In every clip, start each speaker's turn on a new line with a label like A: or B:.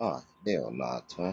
A: Ah, they are not, huh?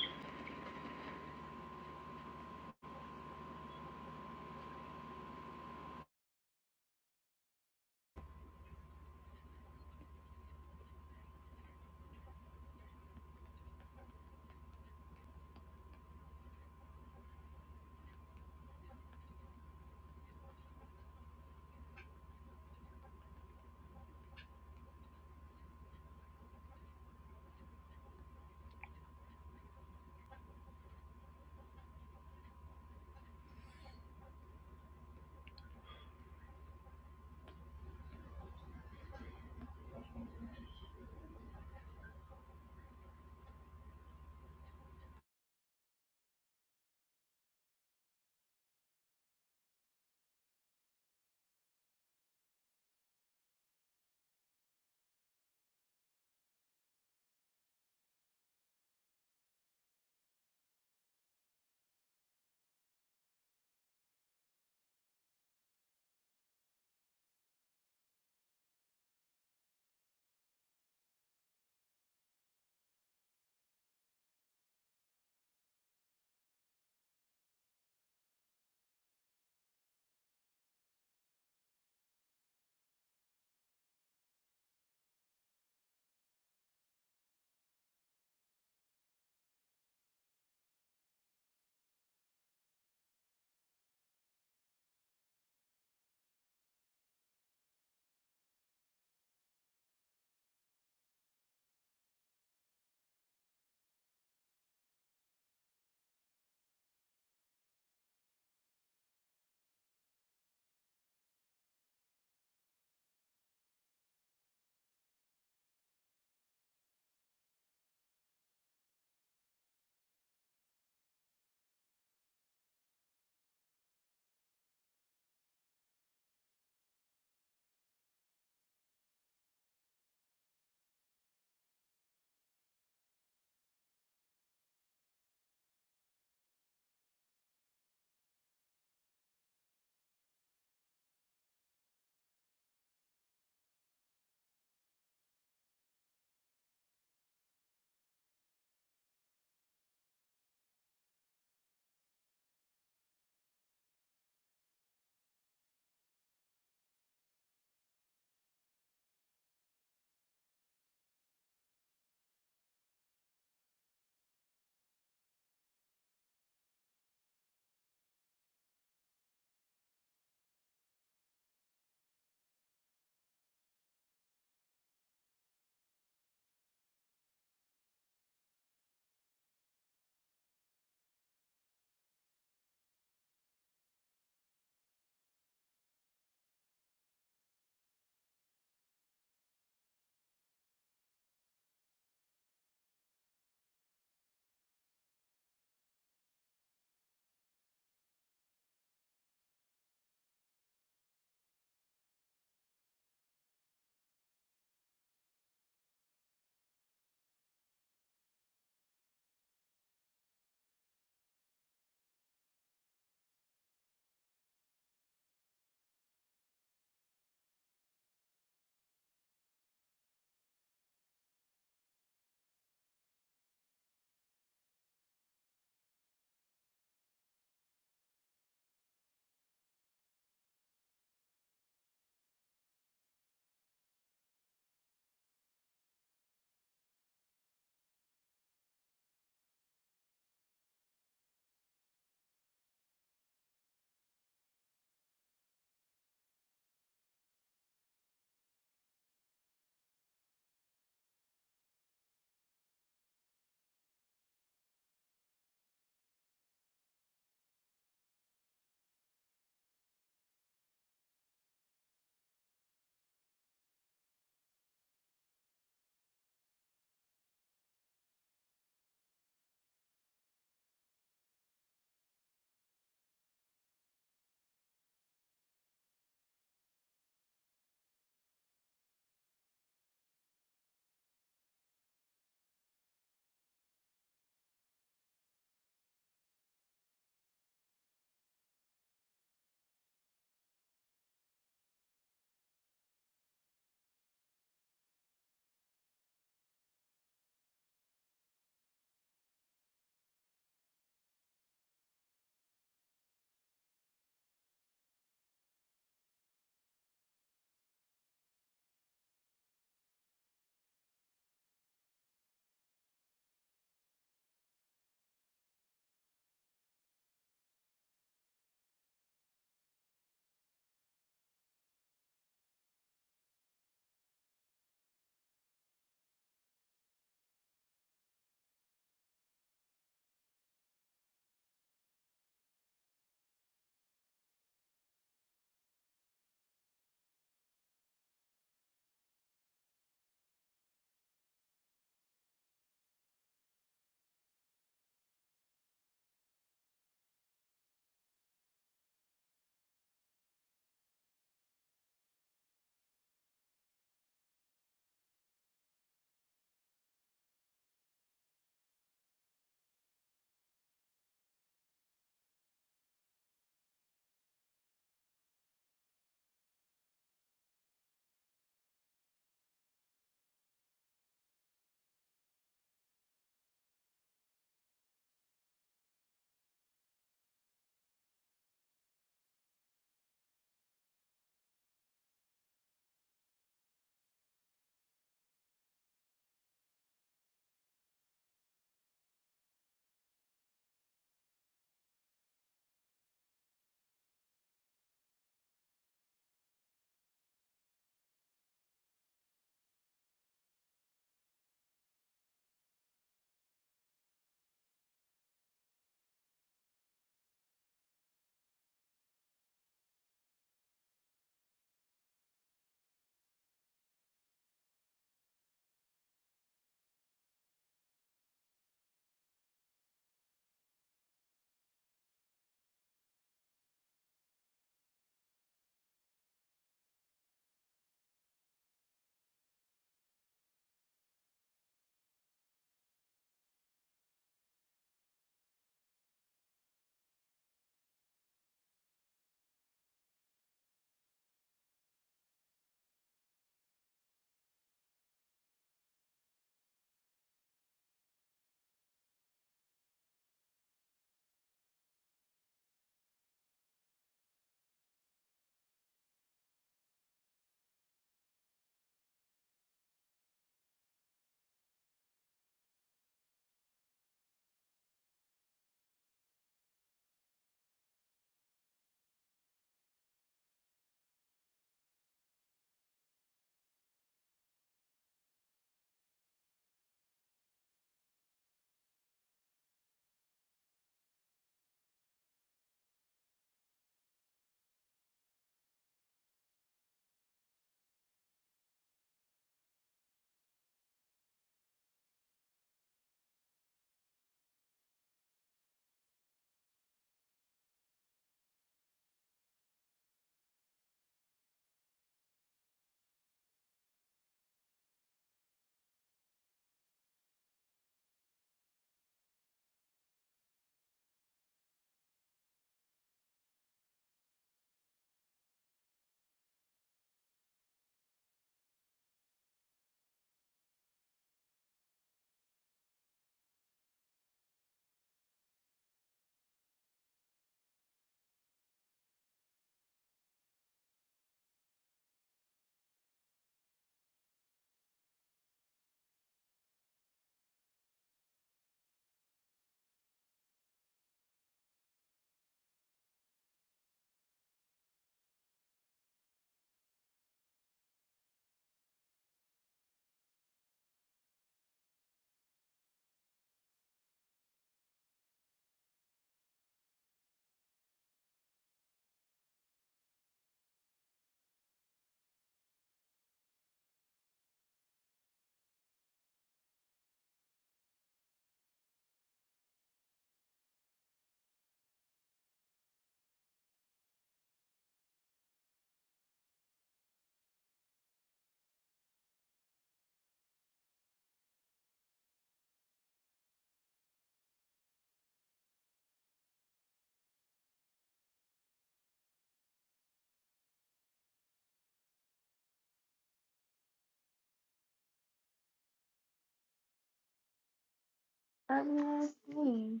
B: Ugly ass thing.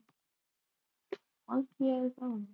B: Monkey is on.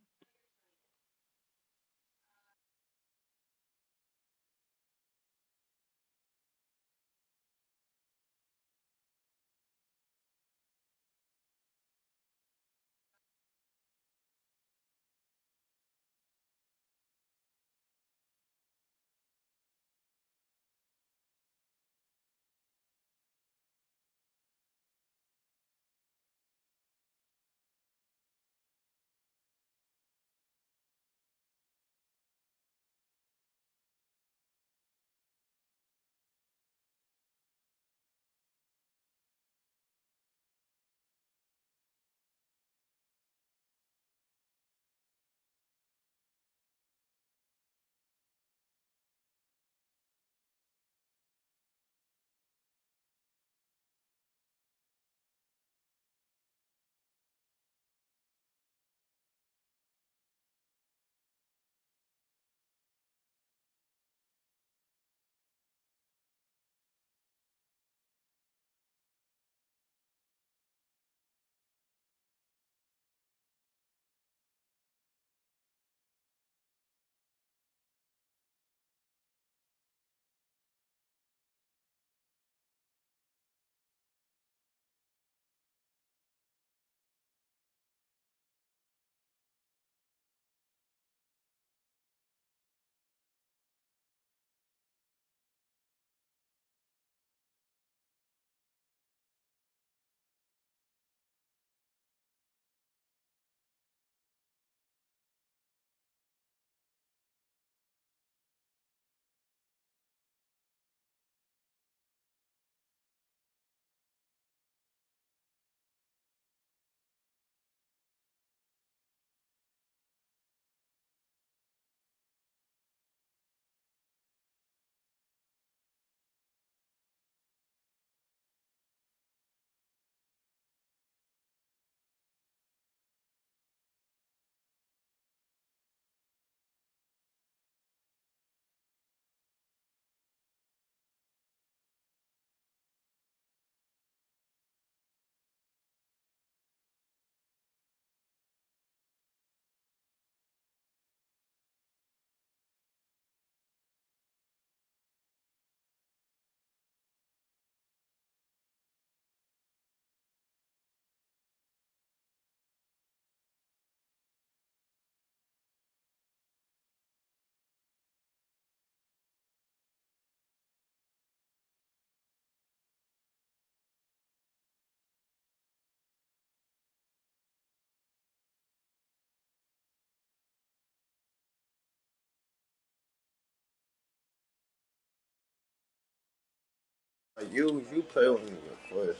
C: Like you, you play with me first.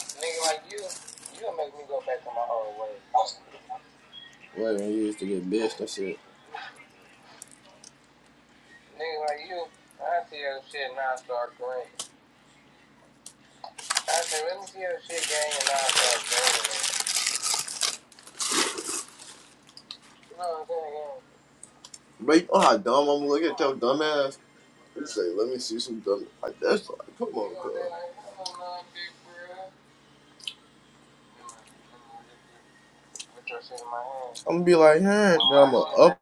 C: Nigga like you, you'll make me go back to my old way. Wait, when you used to get bitched, and shit. Nigga like you, I see your shit and I start green. I say, let me see your shit gang and I start green. You know what I'm saying? bro, you know how dumb I'm looking at your dumb ass? You say, let me see some dumb. Like, that's like, come on, know I'm Like, gonna be like, hey, I'm gonna up.